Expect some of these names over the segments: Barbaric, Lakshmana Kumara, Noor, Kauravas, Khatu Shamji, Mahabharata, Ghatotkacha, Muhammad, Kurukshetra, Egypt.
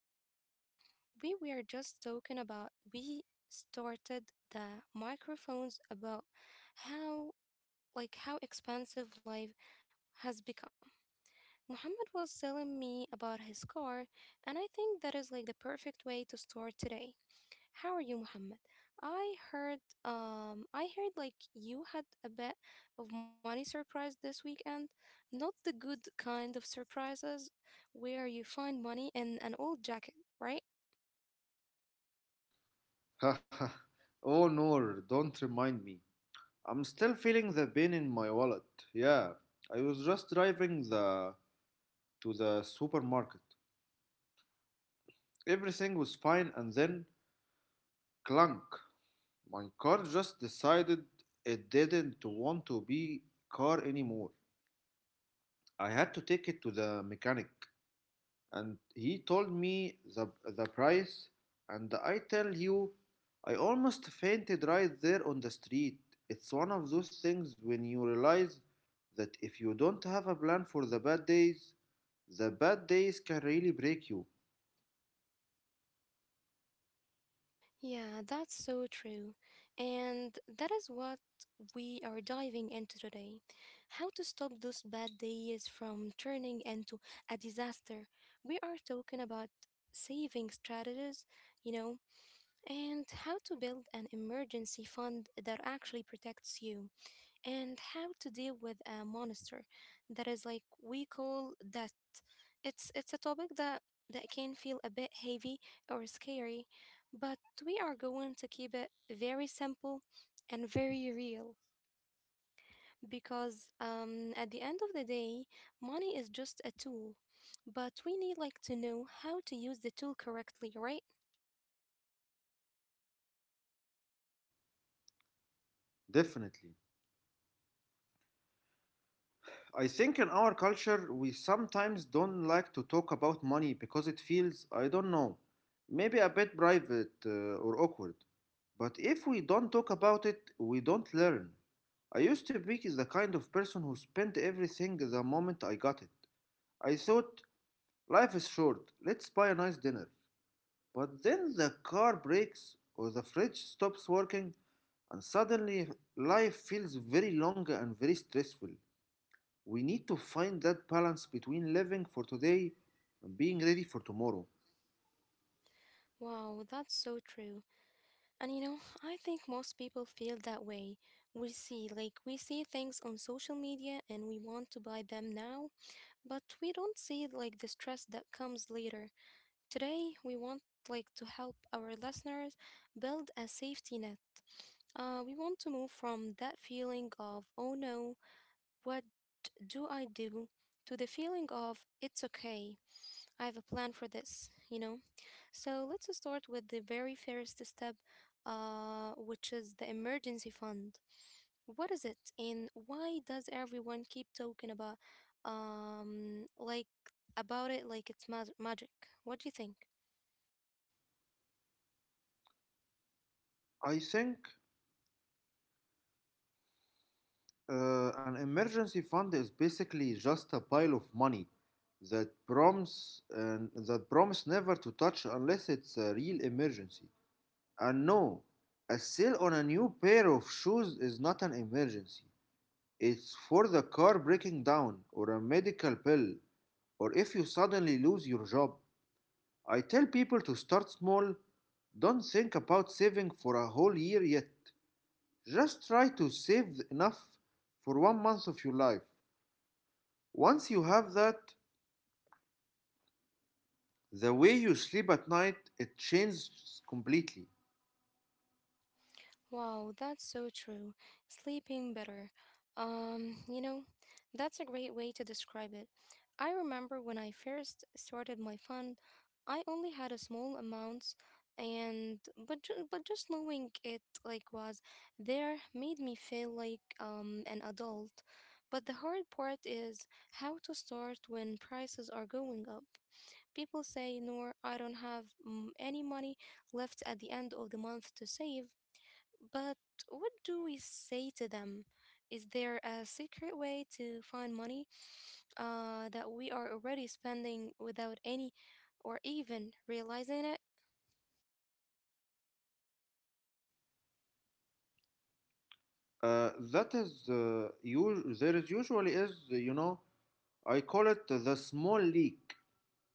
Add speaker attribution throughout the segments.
Speaker 1: And honestly, we were just talking about, we started the microphones about how, how expensive life has become. Muhammad was telling me about his car, and I think that is like the perfect way to start today. How are you, Muhammad? I heard, I heard like you had a bit of money surprise this weekend. Not the good kind of surprises where you find money in an old jacket, right?
Speaker 2: Haha. Oh no, don't remind me. I'm still feeling the pain in my wallet. Yeah, I was just driving the to the supermarket. Everything was fine and then clunk. My car just decided it didn't want to be car anymore. I had to take it to the mechanic, and he told me the price, and I tell you, I almost fainted right there on the street. It's one of those things when you realize that if you don't have a plan for the bad days can really break you.
Speaker 1: Yeah, that's so true. And that is what we are diving into today. How to stop those bad days from turning into a disaster. We are talking about saving strategies, you know, and how to build an emergency fund that actually protects you, and how to deal with a monster that is like we call that. It's a topic that can feel a bit heavy or scary, but we are going to keep it very simple and very real because at the end of the day, money is just a tool, but we need like to know how to use the tool correctly, right?
Speaker 2: Definitely. I think in our culture, we sometimes don't like to talk about money because it feels, I don't know, maybe a bit private or awkward. But if we don't talk about it, we don't learn. I used to be the kind of person who spent everything the moment I got it. I thought, life is short, let's buy a nice dinner. But then the car breaks or the fridge stops working, and suddenly life feels very long and very stressful. We need to find that balance between living for today and being ready for tomorrow.
Speaker 1: Wow, that's so true. And you know, I think most people feel that way. We see things on social media and we want to buy them now, but we don't see, like, the stress that comes later. Today, we want, like, to help our listeners build a safety net. We want to move from that feeling of, oh no, what do I do? To the feeling of, it's okay, I have a plan for this, you know? So let's start with the very first step, which is the emergency fund. What is it, and why does everyone keep talking about, um, like about it like it's magic? What do you think?
Speaker 2: I think an emergency fund is basically just a pile of money that promise and that promise never to touch unless it's a real emergency. And no, a sale on a new pair of shoes is not an emergency. It's for the car breaking down or a medical bill or if you suddenly lose your job. I tell people to start small. Don't think about saving for a whole year yet. Just try to save enough for 1 month of your life. Once you have that, the way you sleep at night it changes completely.
Speaker 1: Wow, that's so true. Sleeping better. You know, that's a great way to describe it. I remember when I first started my fund, I only had a small amount and but just knowing it like was there made me feel like an adult. But the hard part is how to start when prices are going up. People say, "Nor, I don't have any money left at the end of the month to save." But what do we say to them? Is there a secret way to find money that we are already spending without any or even realizing it?
Speaker 2: That is you, there is usually is, you know, I call it the small leak.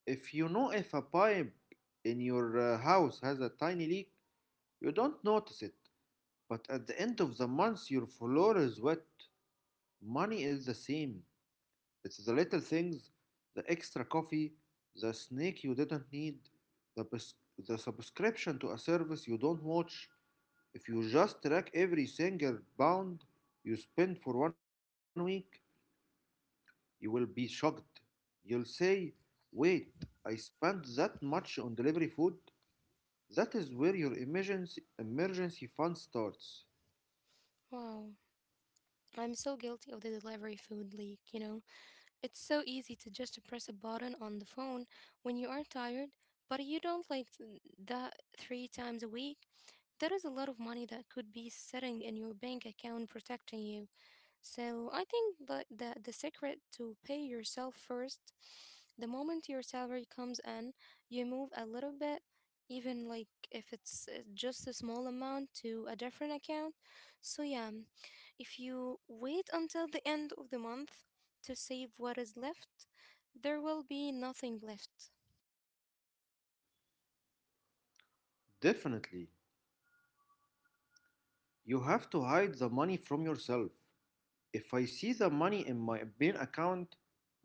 Speaker 2: If you know if a pipe in your house has a tiny leak, you don't notice it. But at the end of the month, your floor is wet. Money is the same. It's the little things, the extra coffee, the snack you didn't need, the, the subscription to a service you don't watch. If you just track every single pound you spend for 1 week, you will be shocked. You'll say, wait, I spent that much on delivery food? That is where your emergency fund starts.
Speaker 1: Wow, I'm so guilty of the delivery food leak, you know? It's so easy to just press a button on the phone when you are tired, but you don't like th- that three times a week. That is a lot of money that could be sitting in your bank account protecting you. So I think the secret to pay yourself first, the moment your salary comes in, you move a little bit, even like if it's just a small amount to a different account. So yeah, if you wait until the end of the month to save what is left, there will be nothing left.
Speaker 2: Definitely, you have to hide the money from yourself. If I see the money in my bank account,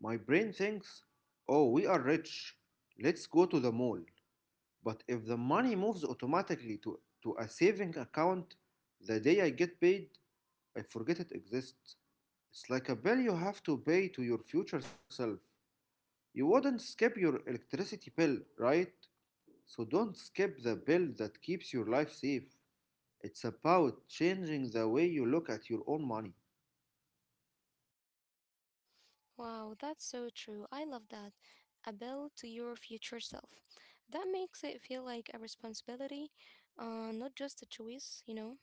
Speaker 2: my brain thinks, oh, we are rich, let's go to the mall. But if the money moves automatically to a saving account the day I get paid, I forget it exists. It's like a bill you have to pay to your future self. You wouldn't skip your electricity bill, right? So don't skip the bill that keeps your life safe. It's about changing the way you look at your own money.
Speaker 1: Wow, that's so true. I love that. A bill to your future self. That makes it feel like a responsibility, not just a choice, you know?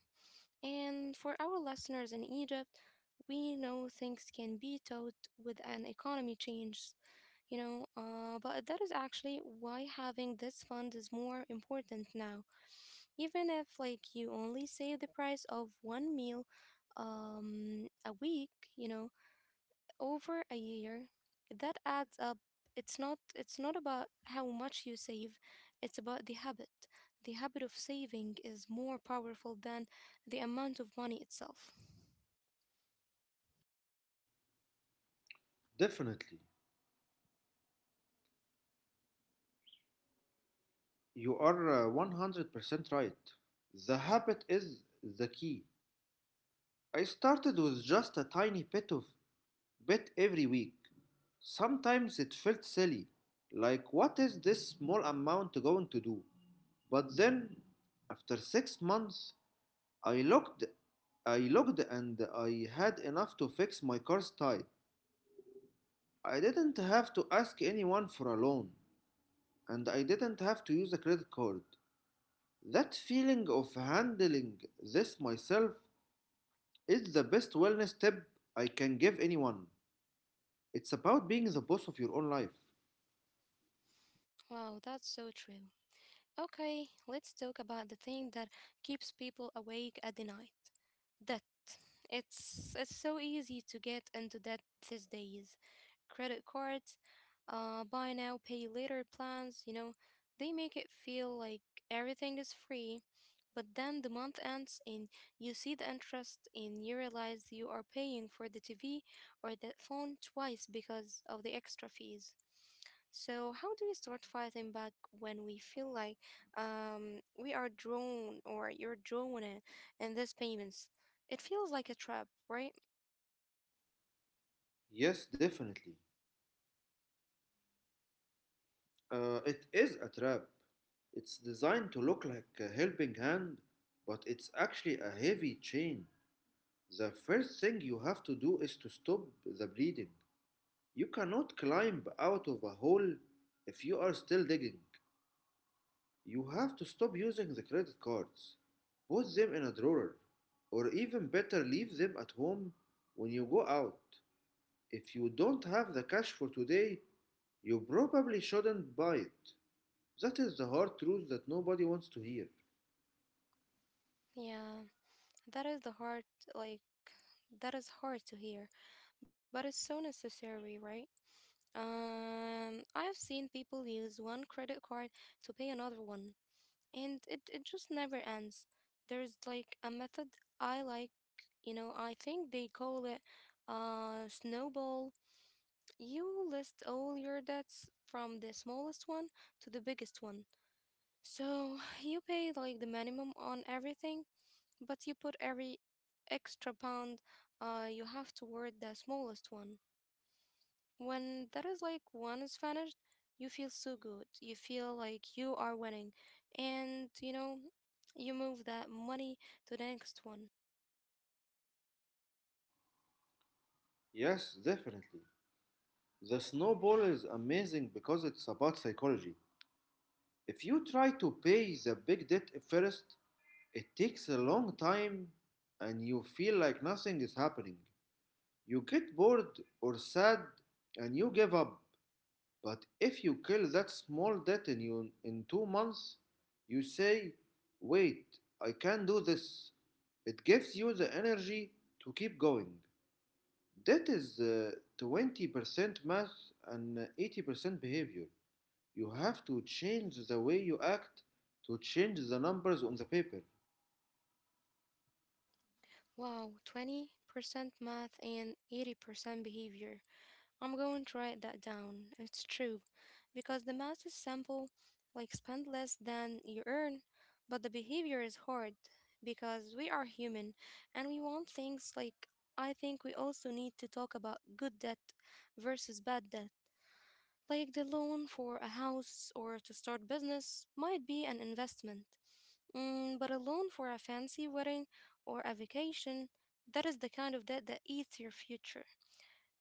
Speaker 1: And for our listeners in Egypt, we know things can be taught with an economy change, you know? But that is actually why having this fund is more important now. Even if, like, you only save the price of one meal a week, you know? Over a year that adds up. It's not about how much you save, it's about the habit. The habit of saving is more powerful than the amount of money itself.
Speaker 2: Definitely. You are 100% right. The habit is the key. I started with just a tiny bit of bit every week. Sometimes it felt silly, like what is this small amount going to do? But then after 6 months, I looked I looked and I had enough to fix my car's tire. I didn't have to ask anyone for a loan and I didn't have to use a credit card. That feeling of handling this myself is the best wellness tip I can give anyone. It's about being the boss of your own life.
Speaker 1: Wow, that's so true. Okay, let's talk about the thing that keeps people awake at the night. Debt. It's so easy to get into debt these days. Credit cards, buy now, pay later plans. You know, they make it feel like everything is free. But then the month ends and you see the interest and you realize you are paying for the TV or the phone twice because of the extra fees. So, how do we start fighting back when we feel like we are drawn or you're drawn in these payments? It feels like a trap, right?
Speaker 2: Yes, definitely. It is a trap. It's designed to look like a helping hand, but it's actually a heavy chain. The first thing you have to do is to stop the bleeding. You cannot climb out of a hole if you are still digging. You have to stop using the credit cards. Put them in a drawer, or even better, leave them at home when you go out. If you don't have the cash for today, you probably shouldn't buy it. That is the hard truth that nobody wants to hear.
Speaker 1: Yeah. That is the hard, like, that is hard to hear, but it's so necessary, right? I've seen people use one credit card to pay another one, and it just never ends. There's like a method I like, you know, I think they call it snowball. You list all your debts from the smallest one to the biggest one. So you pay like the minimum on everything but you put every extra pound, you have toward the smallest one. When that is like one is finished, you feel so good. You feel like you are winning. And you know, you move that money to the next one.
Speaker 2: Yes, definitely. The snowball is amazing because it's about psychology. If you try to pay the big debt first, it takes a long time and you feel like nothing is happening. You get bored or sad and you give up. But if you kill that small debt in 2 months, you say, wait, I can do this. It gives you the energy to keep going. That is 20% math and 80% behavior. You have to change the way you act to change the numbers on the paper.
Speaker 1: Wow, 20% math and 80% behavior. I'm going to write that down. It's true. Because the math is simple, like spend less than you earn, but the behavior is hard because we are human and we want things like I think we also need to talk about good debt versus bad debt. Like the loan for a house or to start business might be an investment. Mm, but a loan for a fancy wedding or a vacation, that is the kind of debt that eats your future.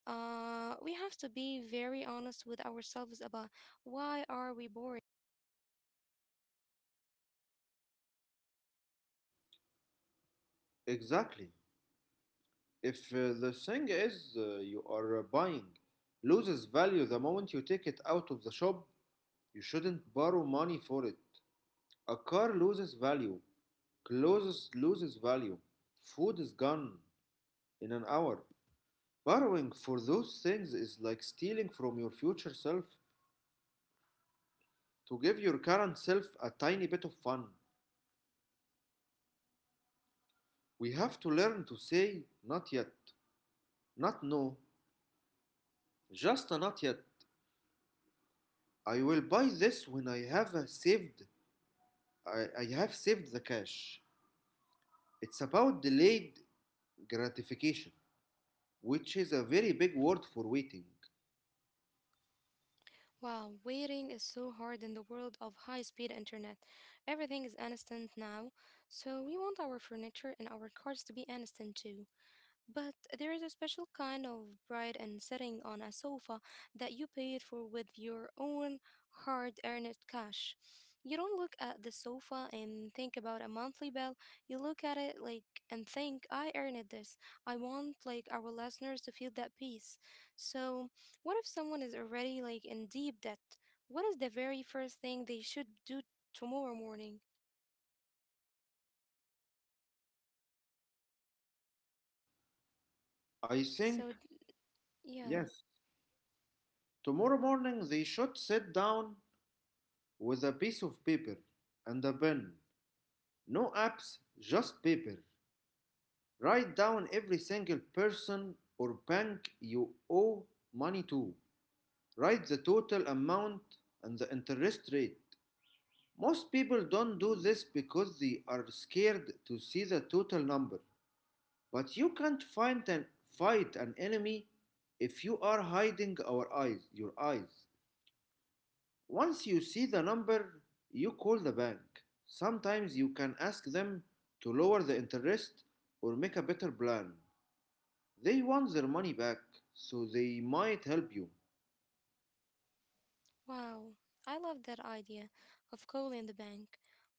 Speaker 1: We have to be very honest with ourselves about why are we boring?
Speaker 2: Exactly. If the thing is you are buying loses value the moment you take it out of the shop, you shouldn't borrow money for it. A car loses value, clothes loses value, food is gone in an hour. Borrowing for those things is like stealing from your future self to give your current self a tiny bit of fun. We have to learn to say not yet, not no, just a not yet. I will buy this when I have saved the cash. It's about delayed gratification, which is a very big word for waiting.
Speaker 1: Wow, waiting is so hard in the world of high-speed internet. Everything is instant now, so we want our furniture and our cars to be instant too. But there is a special kind of pride in sitting on a sofa that you paid for with your own hard earned cash. You don't look at the sofa and think about a monthly bill. You look at it like and think, I earned this. I want like our listeners to feel that peace. So what if someone is already like in deep debt? What is the very first thing they should do tomorrow morning?
Speaker 2: I think,
Speaker 1: So d- yeah.
Speaker 2: yes, tomorrow morning they should sit down with a piece of paper and a pen. No apps, just paper. Write down every single person or bank you owe money to. Write the total amount and the interest rate. Most people don't do this because they are scared to see the total number. But you can't find and fight an enemy if you are hiding our eyes, your eyes. Once you see the number, you call the bank. Sometimes you can ask them to lower the interest or make a better plan. They want their money back, so they might help you.
Speaker 1: Wow, I love that idea of calling the bank.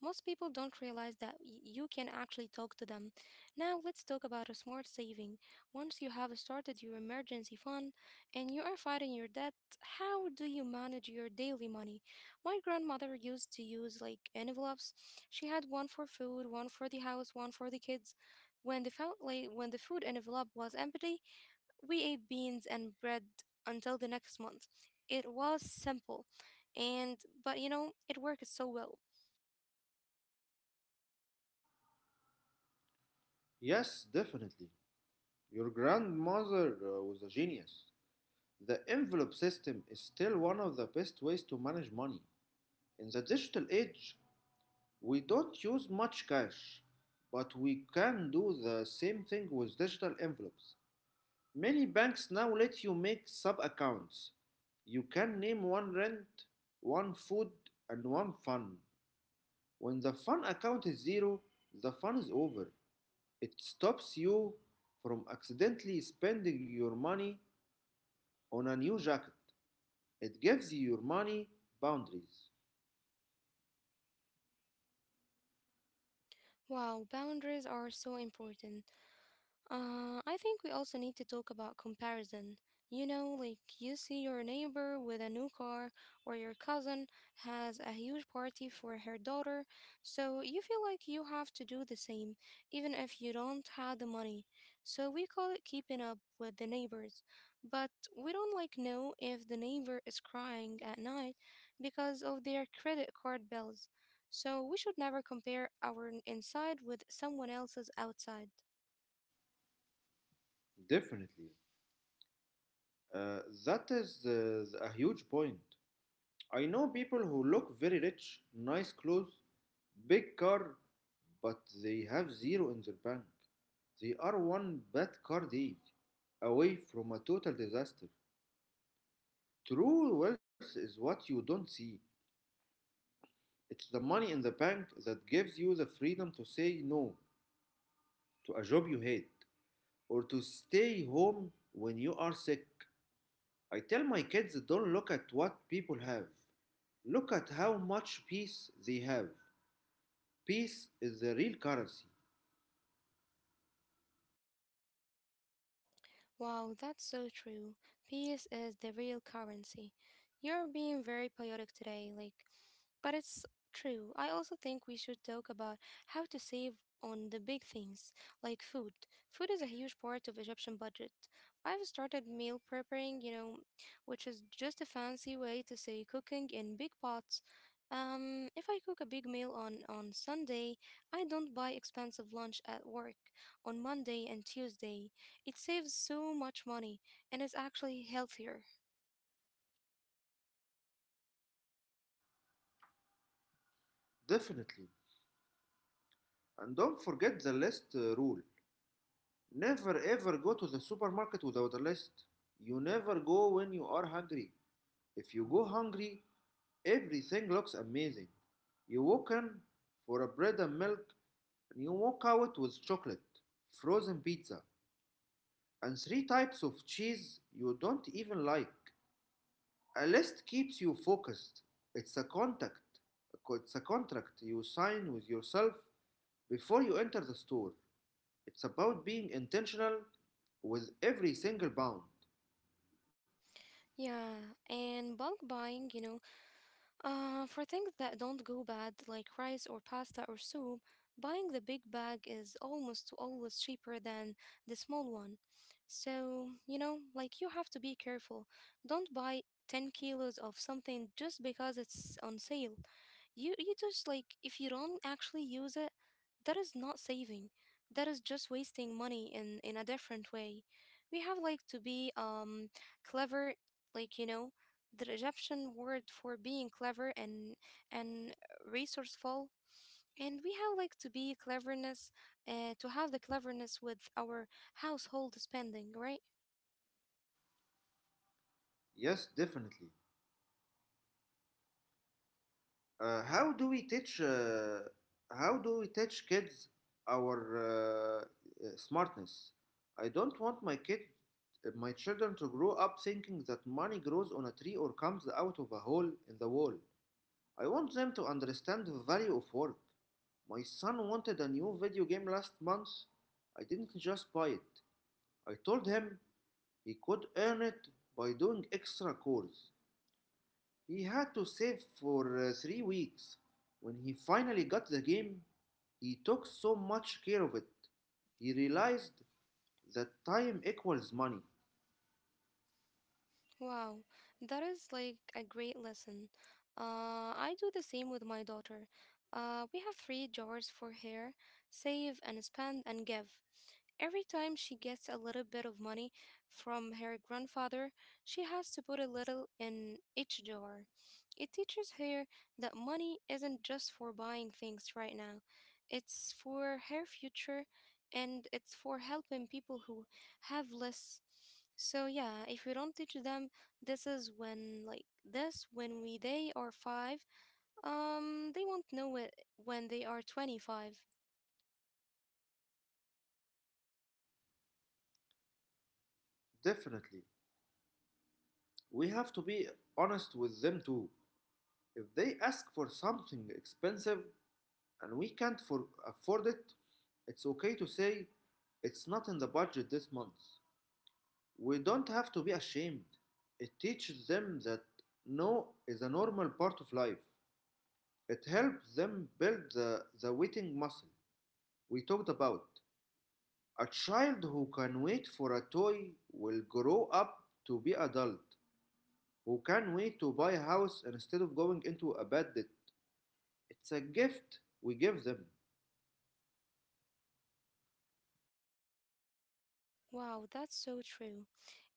Speaker 1: Most people don't realize that you can actually talk to them. Now, let's talk about a smart saving. Once you have started your emergency fund and you are fighting your debt, how do you manage your daily money? My grandmother used to use like envelopes. She had one for food, one for the house, one for the kids. When when the food envelope was empty, we ate beans and bread until the next month. It was simple, and but you know, it worked so well.
Speaker 2: Yes, definitely. Your grandmother was a genius. The envelope system is still one of the best ways to manage money. In the digital age, we don't use much cash, but we can do the same thing with digital envelopes. Many banks now let you make sub accounts. You can name one rent, one food, and one fun. When the fun account is zero, the fun is over. It stops you from accidentally spending your money on a new jacket. It gives you your money boundaries.
Speaker 1: Wow, boundaries are so important. I think we also need to talk about comparison. You know, like you see your neighbor with a new car, or your cousin has a huge party for her daughter, so you feel like you have to do the same, even if you don't have the money. So we call it keeping up with the neighbors. But we don't like know if the neighbor is crying at night because of their credit card bills. So we should never compare our inside with someone else's outside.
Speaker 2: Definitely. Uh, that is A huge point. I know people who look very rich, nice clothes, big car, but they have zero in their bank. They are one bad card deed away from a total disaster. True wealth is what you don't see. It's the money in the bank that gives you the freedom to say no to a job you hate or to stay home when you are sick. I tell my kids don't look at what people have. Look at how much peace they have. Peace is the real currency,
Speaker 1: Wow, that's so true. Peace is the real currency. You're being very poetic today, like, but it's true. I also think we should talk about how to save on the big things, like food. Food is a huge part of Egyptian budget. I've started meal preparing, you know, which is just a fancy way to say cooking in big pots. If I cook a big meal on Sunday, I don't buy expensive lunch at work on Monday and Tuesday. It saves so much money and is actually healthier.
Speaker 2: definitely. And don't forget the list rule. Never ever go to the supermarket without a list. You never go when you are hungry. If you go hungry, everything looks amazing. You walk in for a bread and milk, and you walk out with chocolate, frozen pizza, and three types of cheese you don't even like. A list keeps you focused. It's a contract. It's a contract you sign with yourself before you enter the store. It's about being intentional with every single pound.
Speaker 1: Yeah, and bulk buying, you know, for things that don't go bad like rice or pasta or soup, buying the big bag is almost always cheaper than the small one. So, you know, like you have to be careful. Don't buy 10 kilos of something just because it's on sale. You just like If you don't actually use it, that is not saving. That is just wasting money in a different way. We have like to be clever, like you know, the Egyptian word for being clever and resourceful. And we have like to be cleverness, to have the cleverness with our household spending, right?
Speaker 2: Yes, definitely. Uh, how do we teach? Uh, how do we teach kids our smartness? I don't want my children to grow up thinking that money grows on a tree or comes out of a hole in the wall. I want them to understand the value of work. My son wanted a new video game last month. I didn't just buy it. I told him he could earn it by doing extra chores. He had to save for 3 weeks. When he finally got the game, he took so much care of it. He realized that time equals money.
Speaker 1: Wow, that is like a great lesson. I do the same with my daughter. We have three jars for hair save and spend and give. Every time she gets a little bit of money from her grandfather, she has to put a little in each jar. It teaches her that money isn't just for buying things right now. It's for her future, and it's for helping people who have less. So yeah, if we don't teach them, this is when like this when we they are 5, they won't know it when they are 25.
Speaker 2: Definitely. We have to be honest with them too. If they ask for something expensive and we can't for- afford it, it's okay to say it's not in the budget this month. We don't have to be ashamed. It teaches them that no is a normal part of life. It helps them build the waiting muscle we talked about. A child who can wait for a toy will grow up to be adult, who can wait to buy a house instead of going into a bad debt. It's a gift we give them,
Speaker 1: Wow, that's so true.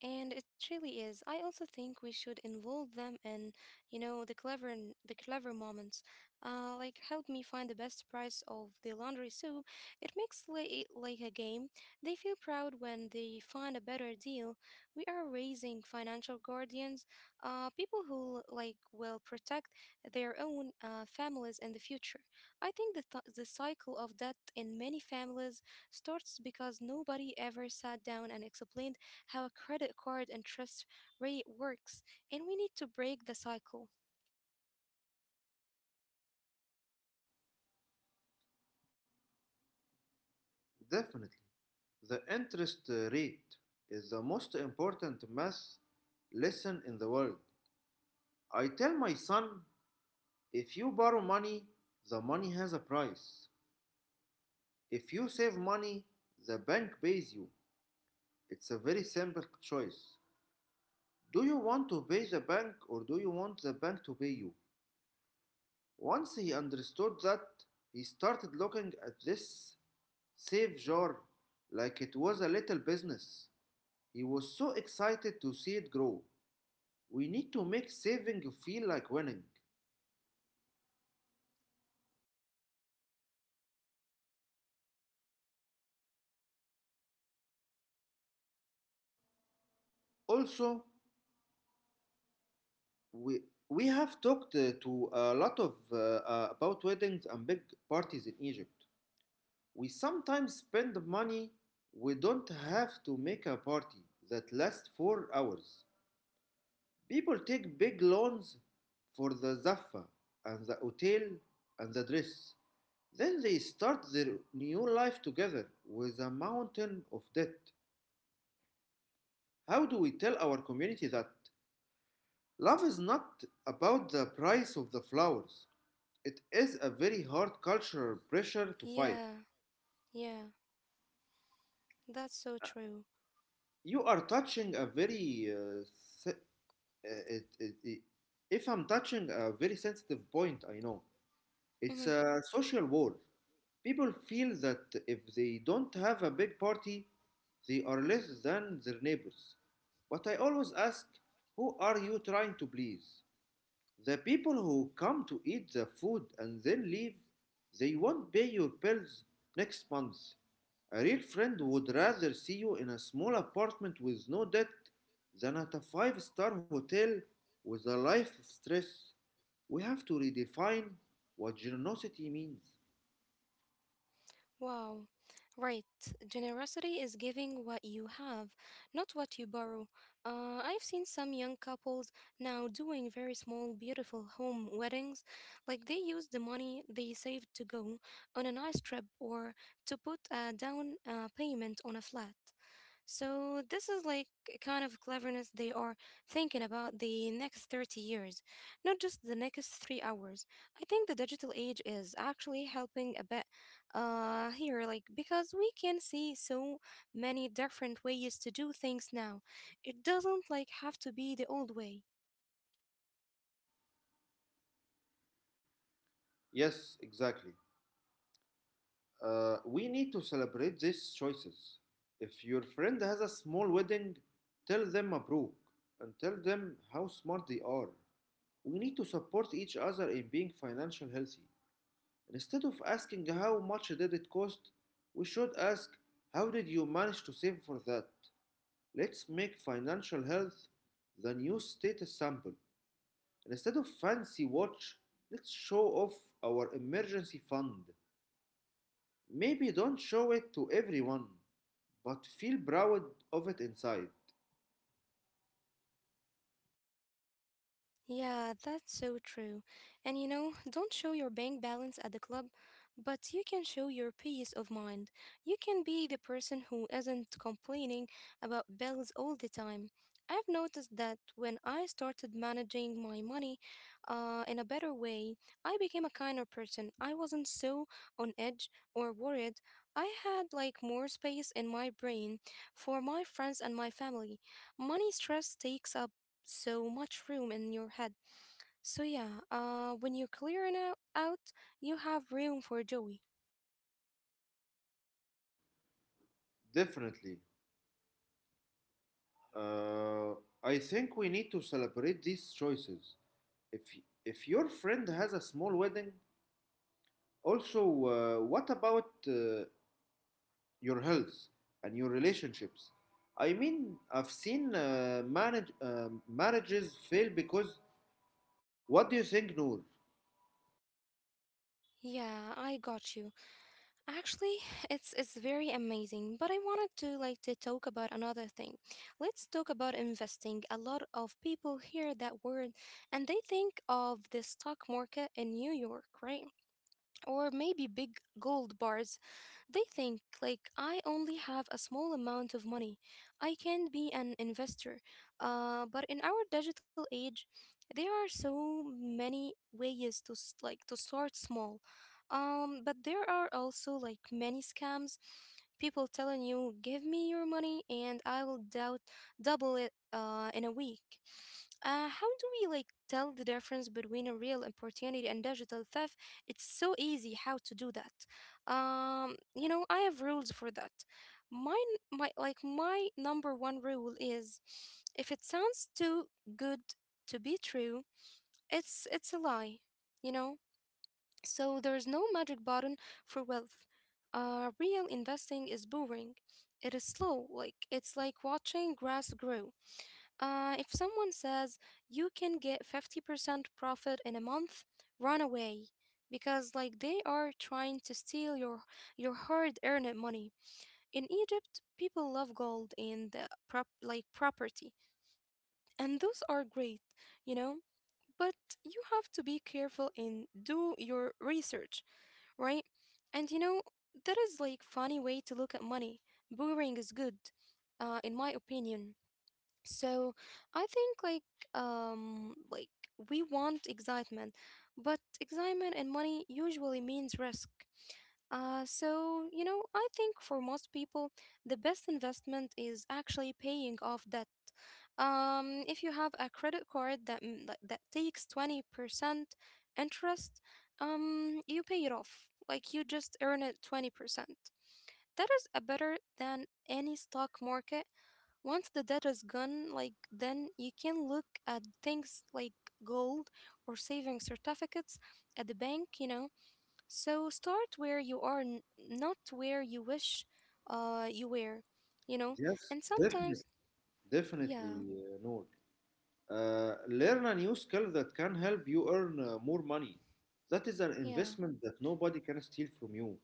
Speaker 1: And it really is. I also think we should involve them in, the clever moments. Like help me find the best price of the laundry soap. It makes it like a game. They feel proud when they find a better deal. We are raising financial guardians, people who will protect their own families in the future. I think the cycle of debt in many families starts because nobody ever sat down and explained how a credit card interest rate works, and we need to break the cycle.
Speaker 2: definitely. The interest rate is the most important math lesson in the world. I tell my son if you borrow money, the money has a price. If you save money, the bank pays you. It's a very simple choice. Do you want to pay the bank or do you want the bank to pay you? Once he understood that, he started looking at this save jar like it was a little business. He was so excited to see it grow. We need to make saving feel like winning. Also, we we have talked to a lot of about weddings and big parties in Egypt. We sometimes spend money we don't have to make a party that lasts 4 hours. People take big loans for the zaffa and the hotel and the dress. Then they start their new life together with a mountain of debt. How do we tell our community that love is not about the price of the flowers? It is a very hard cultural pressure to fight.
Speaker 1: Yeah, yeah, that's so true.
Speaker 2: You are touching a very, se- uh, it, it, it- if I'm touching a very sensitive point, I know.
Speaker 1: Hmm.
Speaker 2: It's a social war. People feel that if they don't have a big party, they are less than their neighbors. But I always ask, who are you trying to please? The people who come to eat the food and then leave, they won't pay your bills next month. A real friend would rather see you in a small apartment with no debt than at a five-star hotel with a life of stress. We have to redefine what generosity means.
Speaker 1: Wow. Right. Generosity is giving what you have, not what you borrow. I've seen some young couples now doing very small, beautiful home weddings. Like they use the money they saved to go on a nice trip or to put a down payment on a flat. So this is like a kind of cleverness. They are thinking about the next 30 years, not just the next 3 hours. I think the digital age is actually helping a bit here, like because we can see so many different ways to do things now. It doesn't like have to be the old way.
Speaker 2: Yes, exactly. We need to celebrate these choices. If your friend has a small wedding, tell them Mabruk and tell them how smart they are. We need to support each other in being financially healthy. Instead of asking how much did it cost, we should ask how did you manage to save for that? Let's make financial health the new status sample. Instead of fancy watch, let's show off our emergency fund. Maybe don't show it to everyone, but feel proud of it inside.
Speaker 1: Yeah, that's so true. And you know, don't show your bank balance at the club, but you can show your peace of mind. You can be the person who isn't complaining about bills all the time. I've noticed that when I started managing my money in a better way, I became a kinder person. I wasn't so on edge or worried. I had like more space in my brain for my friends and my family. Money stress takes up so much room in your head. So yeah, when you're clearing out, you have room for joy.
Speaker 2: Definitely. Uh, I think we need to celebrate these choices. If your friend has a small wedding, also, what about your health and your relationships. I mean, I've seen marriages fail because what do you think, Noor?
Speaker 1: Yeah, I got you. Actually, it's very amazing. But I wanted to like to talk about another thing. Let's talk about investing. A lot of people hear that word and they think of the stock market in New York, right? Or maybe big gold bars. They think, like, I only have a small amount of money. I can't be an investor. But in our digital age, there are so many ways like, to start small. But there are also, like, many scams. People telling you, give me your money and I will doubt double it in a week. How do we tell the difference between a real opportunity and digital theft? It's so easy how to do that. You know, I have rules for that. My my number one rule is, if it sounds too good to be true, it's a lie. You know, so there is no magic button for wealth. Real investing is boring. It is slow. Like it's like watching grass grow. If someone says you can get 50% profit in a month, run away because like they are trying to steal your hard-earned money. In Egypt, people love gold and property, and those are great, you know? But you have to be careful and do your research, right? And you know, that is like funny way to look at money. Boring is good, in my opinion. So I think um like we want excitement, but excitement and money usually means risk. Uh, so you know, I think for most people the best investment is actually paying off debt. If you have a credit card that that takes 20% interest, you pay it off. Like you just earn it 20%. That is a better than any stock market. Once the debt is gone, like then you can look at things like gold or saving certificates at the bank, you know. So start where you are, not where you wish you were, you know.
Speaker 2: Yes,
Speaker 1: And
Speaker 2: definitely,
Speaker 1: sometimes, yeah,
Speaker 2: Noor. Learn a new skill that can help you earn more money. That is an
Speaker 1: yeah.
Speaker 2: investment that nobody can steal from you.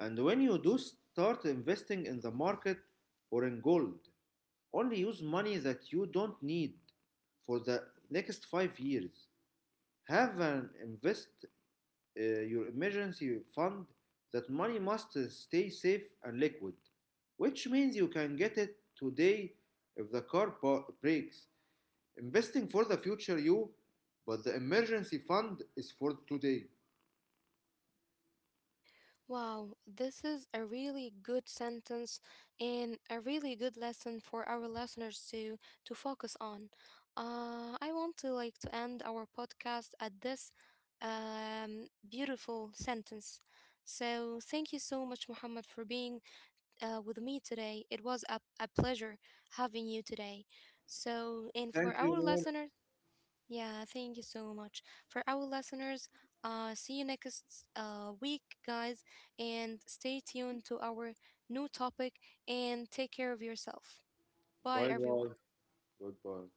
Speaker 2: And when you do start investing in the market or in gold, only use money that you don't need for the next 5 years. Have an invest Your emergency fund, that money must stay safe and liquid, which means you can get it today if the car breaks. Investing for the future you, but the emergency fund is for today.
Speaker 1: Wow, this is a really good sentence and a really good lesson for our listeners to focus on. I want to like to end our podcast at this beautiful sentence. So thank you so much, Muhammad, for being with me today. It was a pleasure having you today. So and
Speaker 2: Thank
Speaker 1: for
Speaker 2: you,
Speaker 1: our
Speaker 2: Noor.
Speaker 1: listeners. Yeah, thank you so much. For our listeners, see you next week, guys, and stay tuned to our new topic and take care of yourself. Bye,
Speaker 2: Bye
Speaker 1: everyone.
Speaker 2: bye. Goodbye.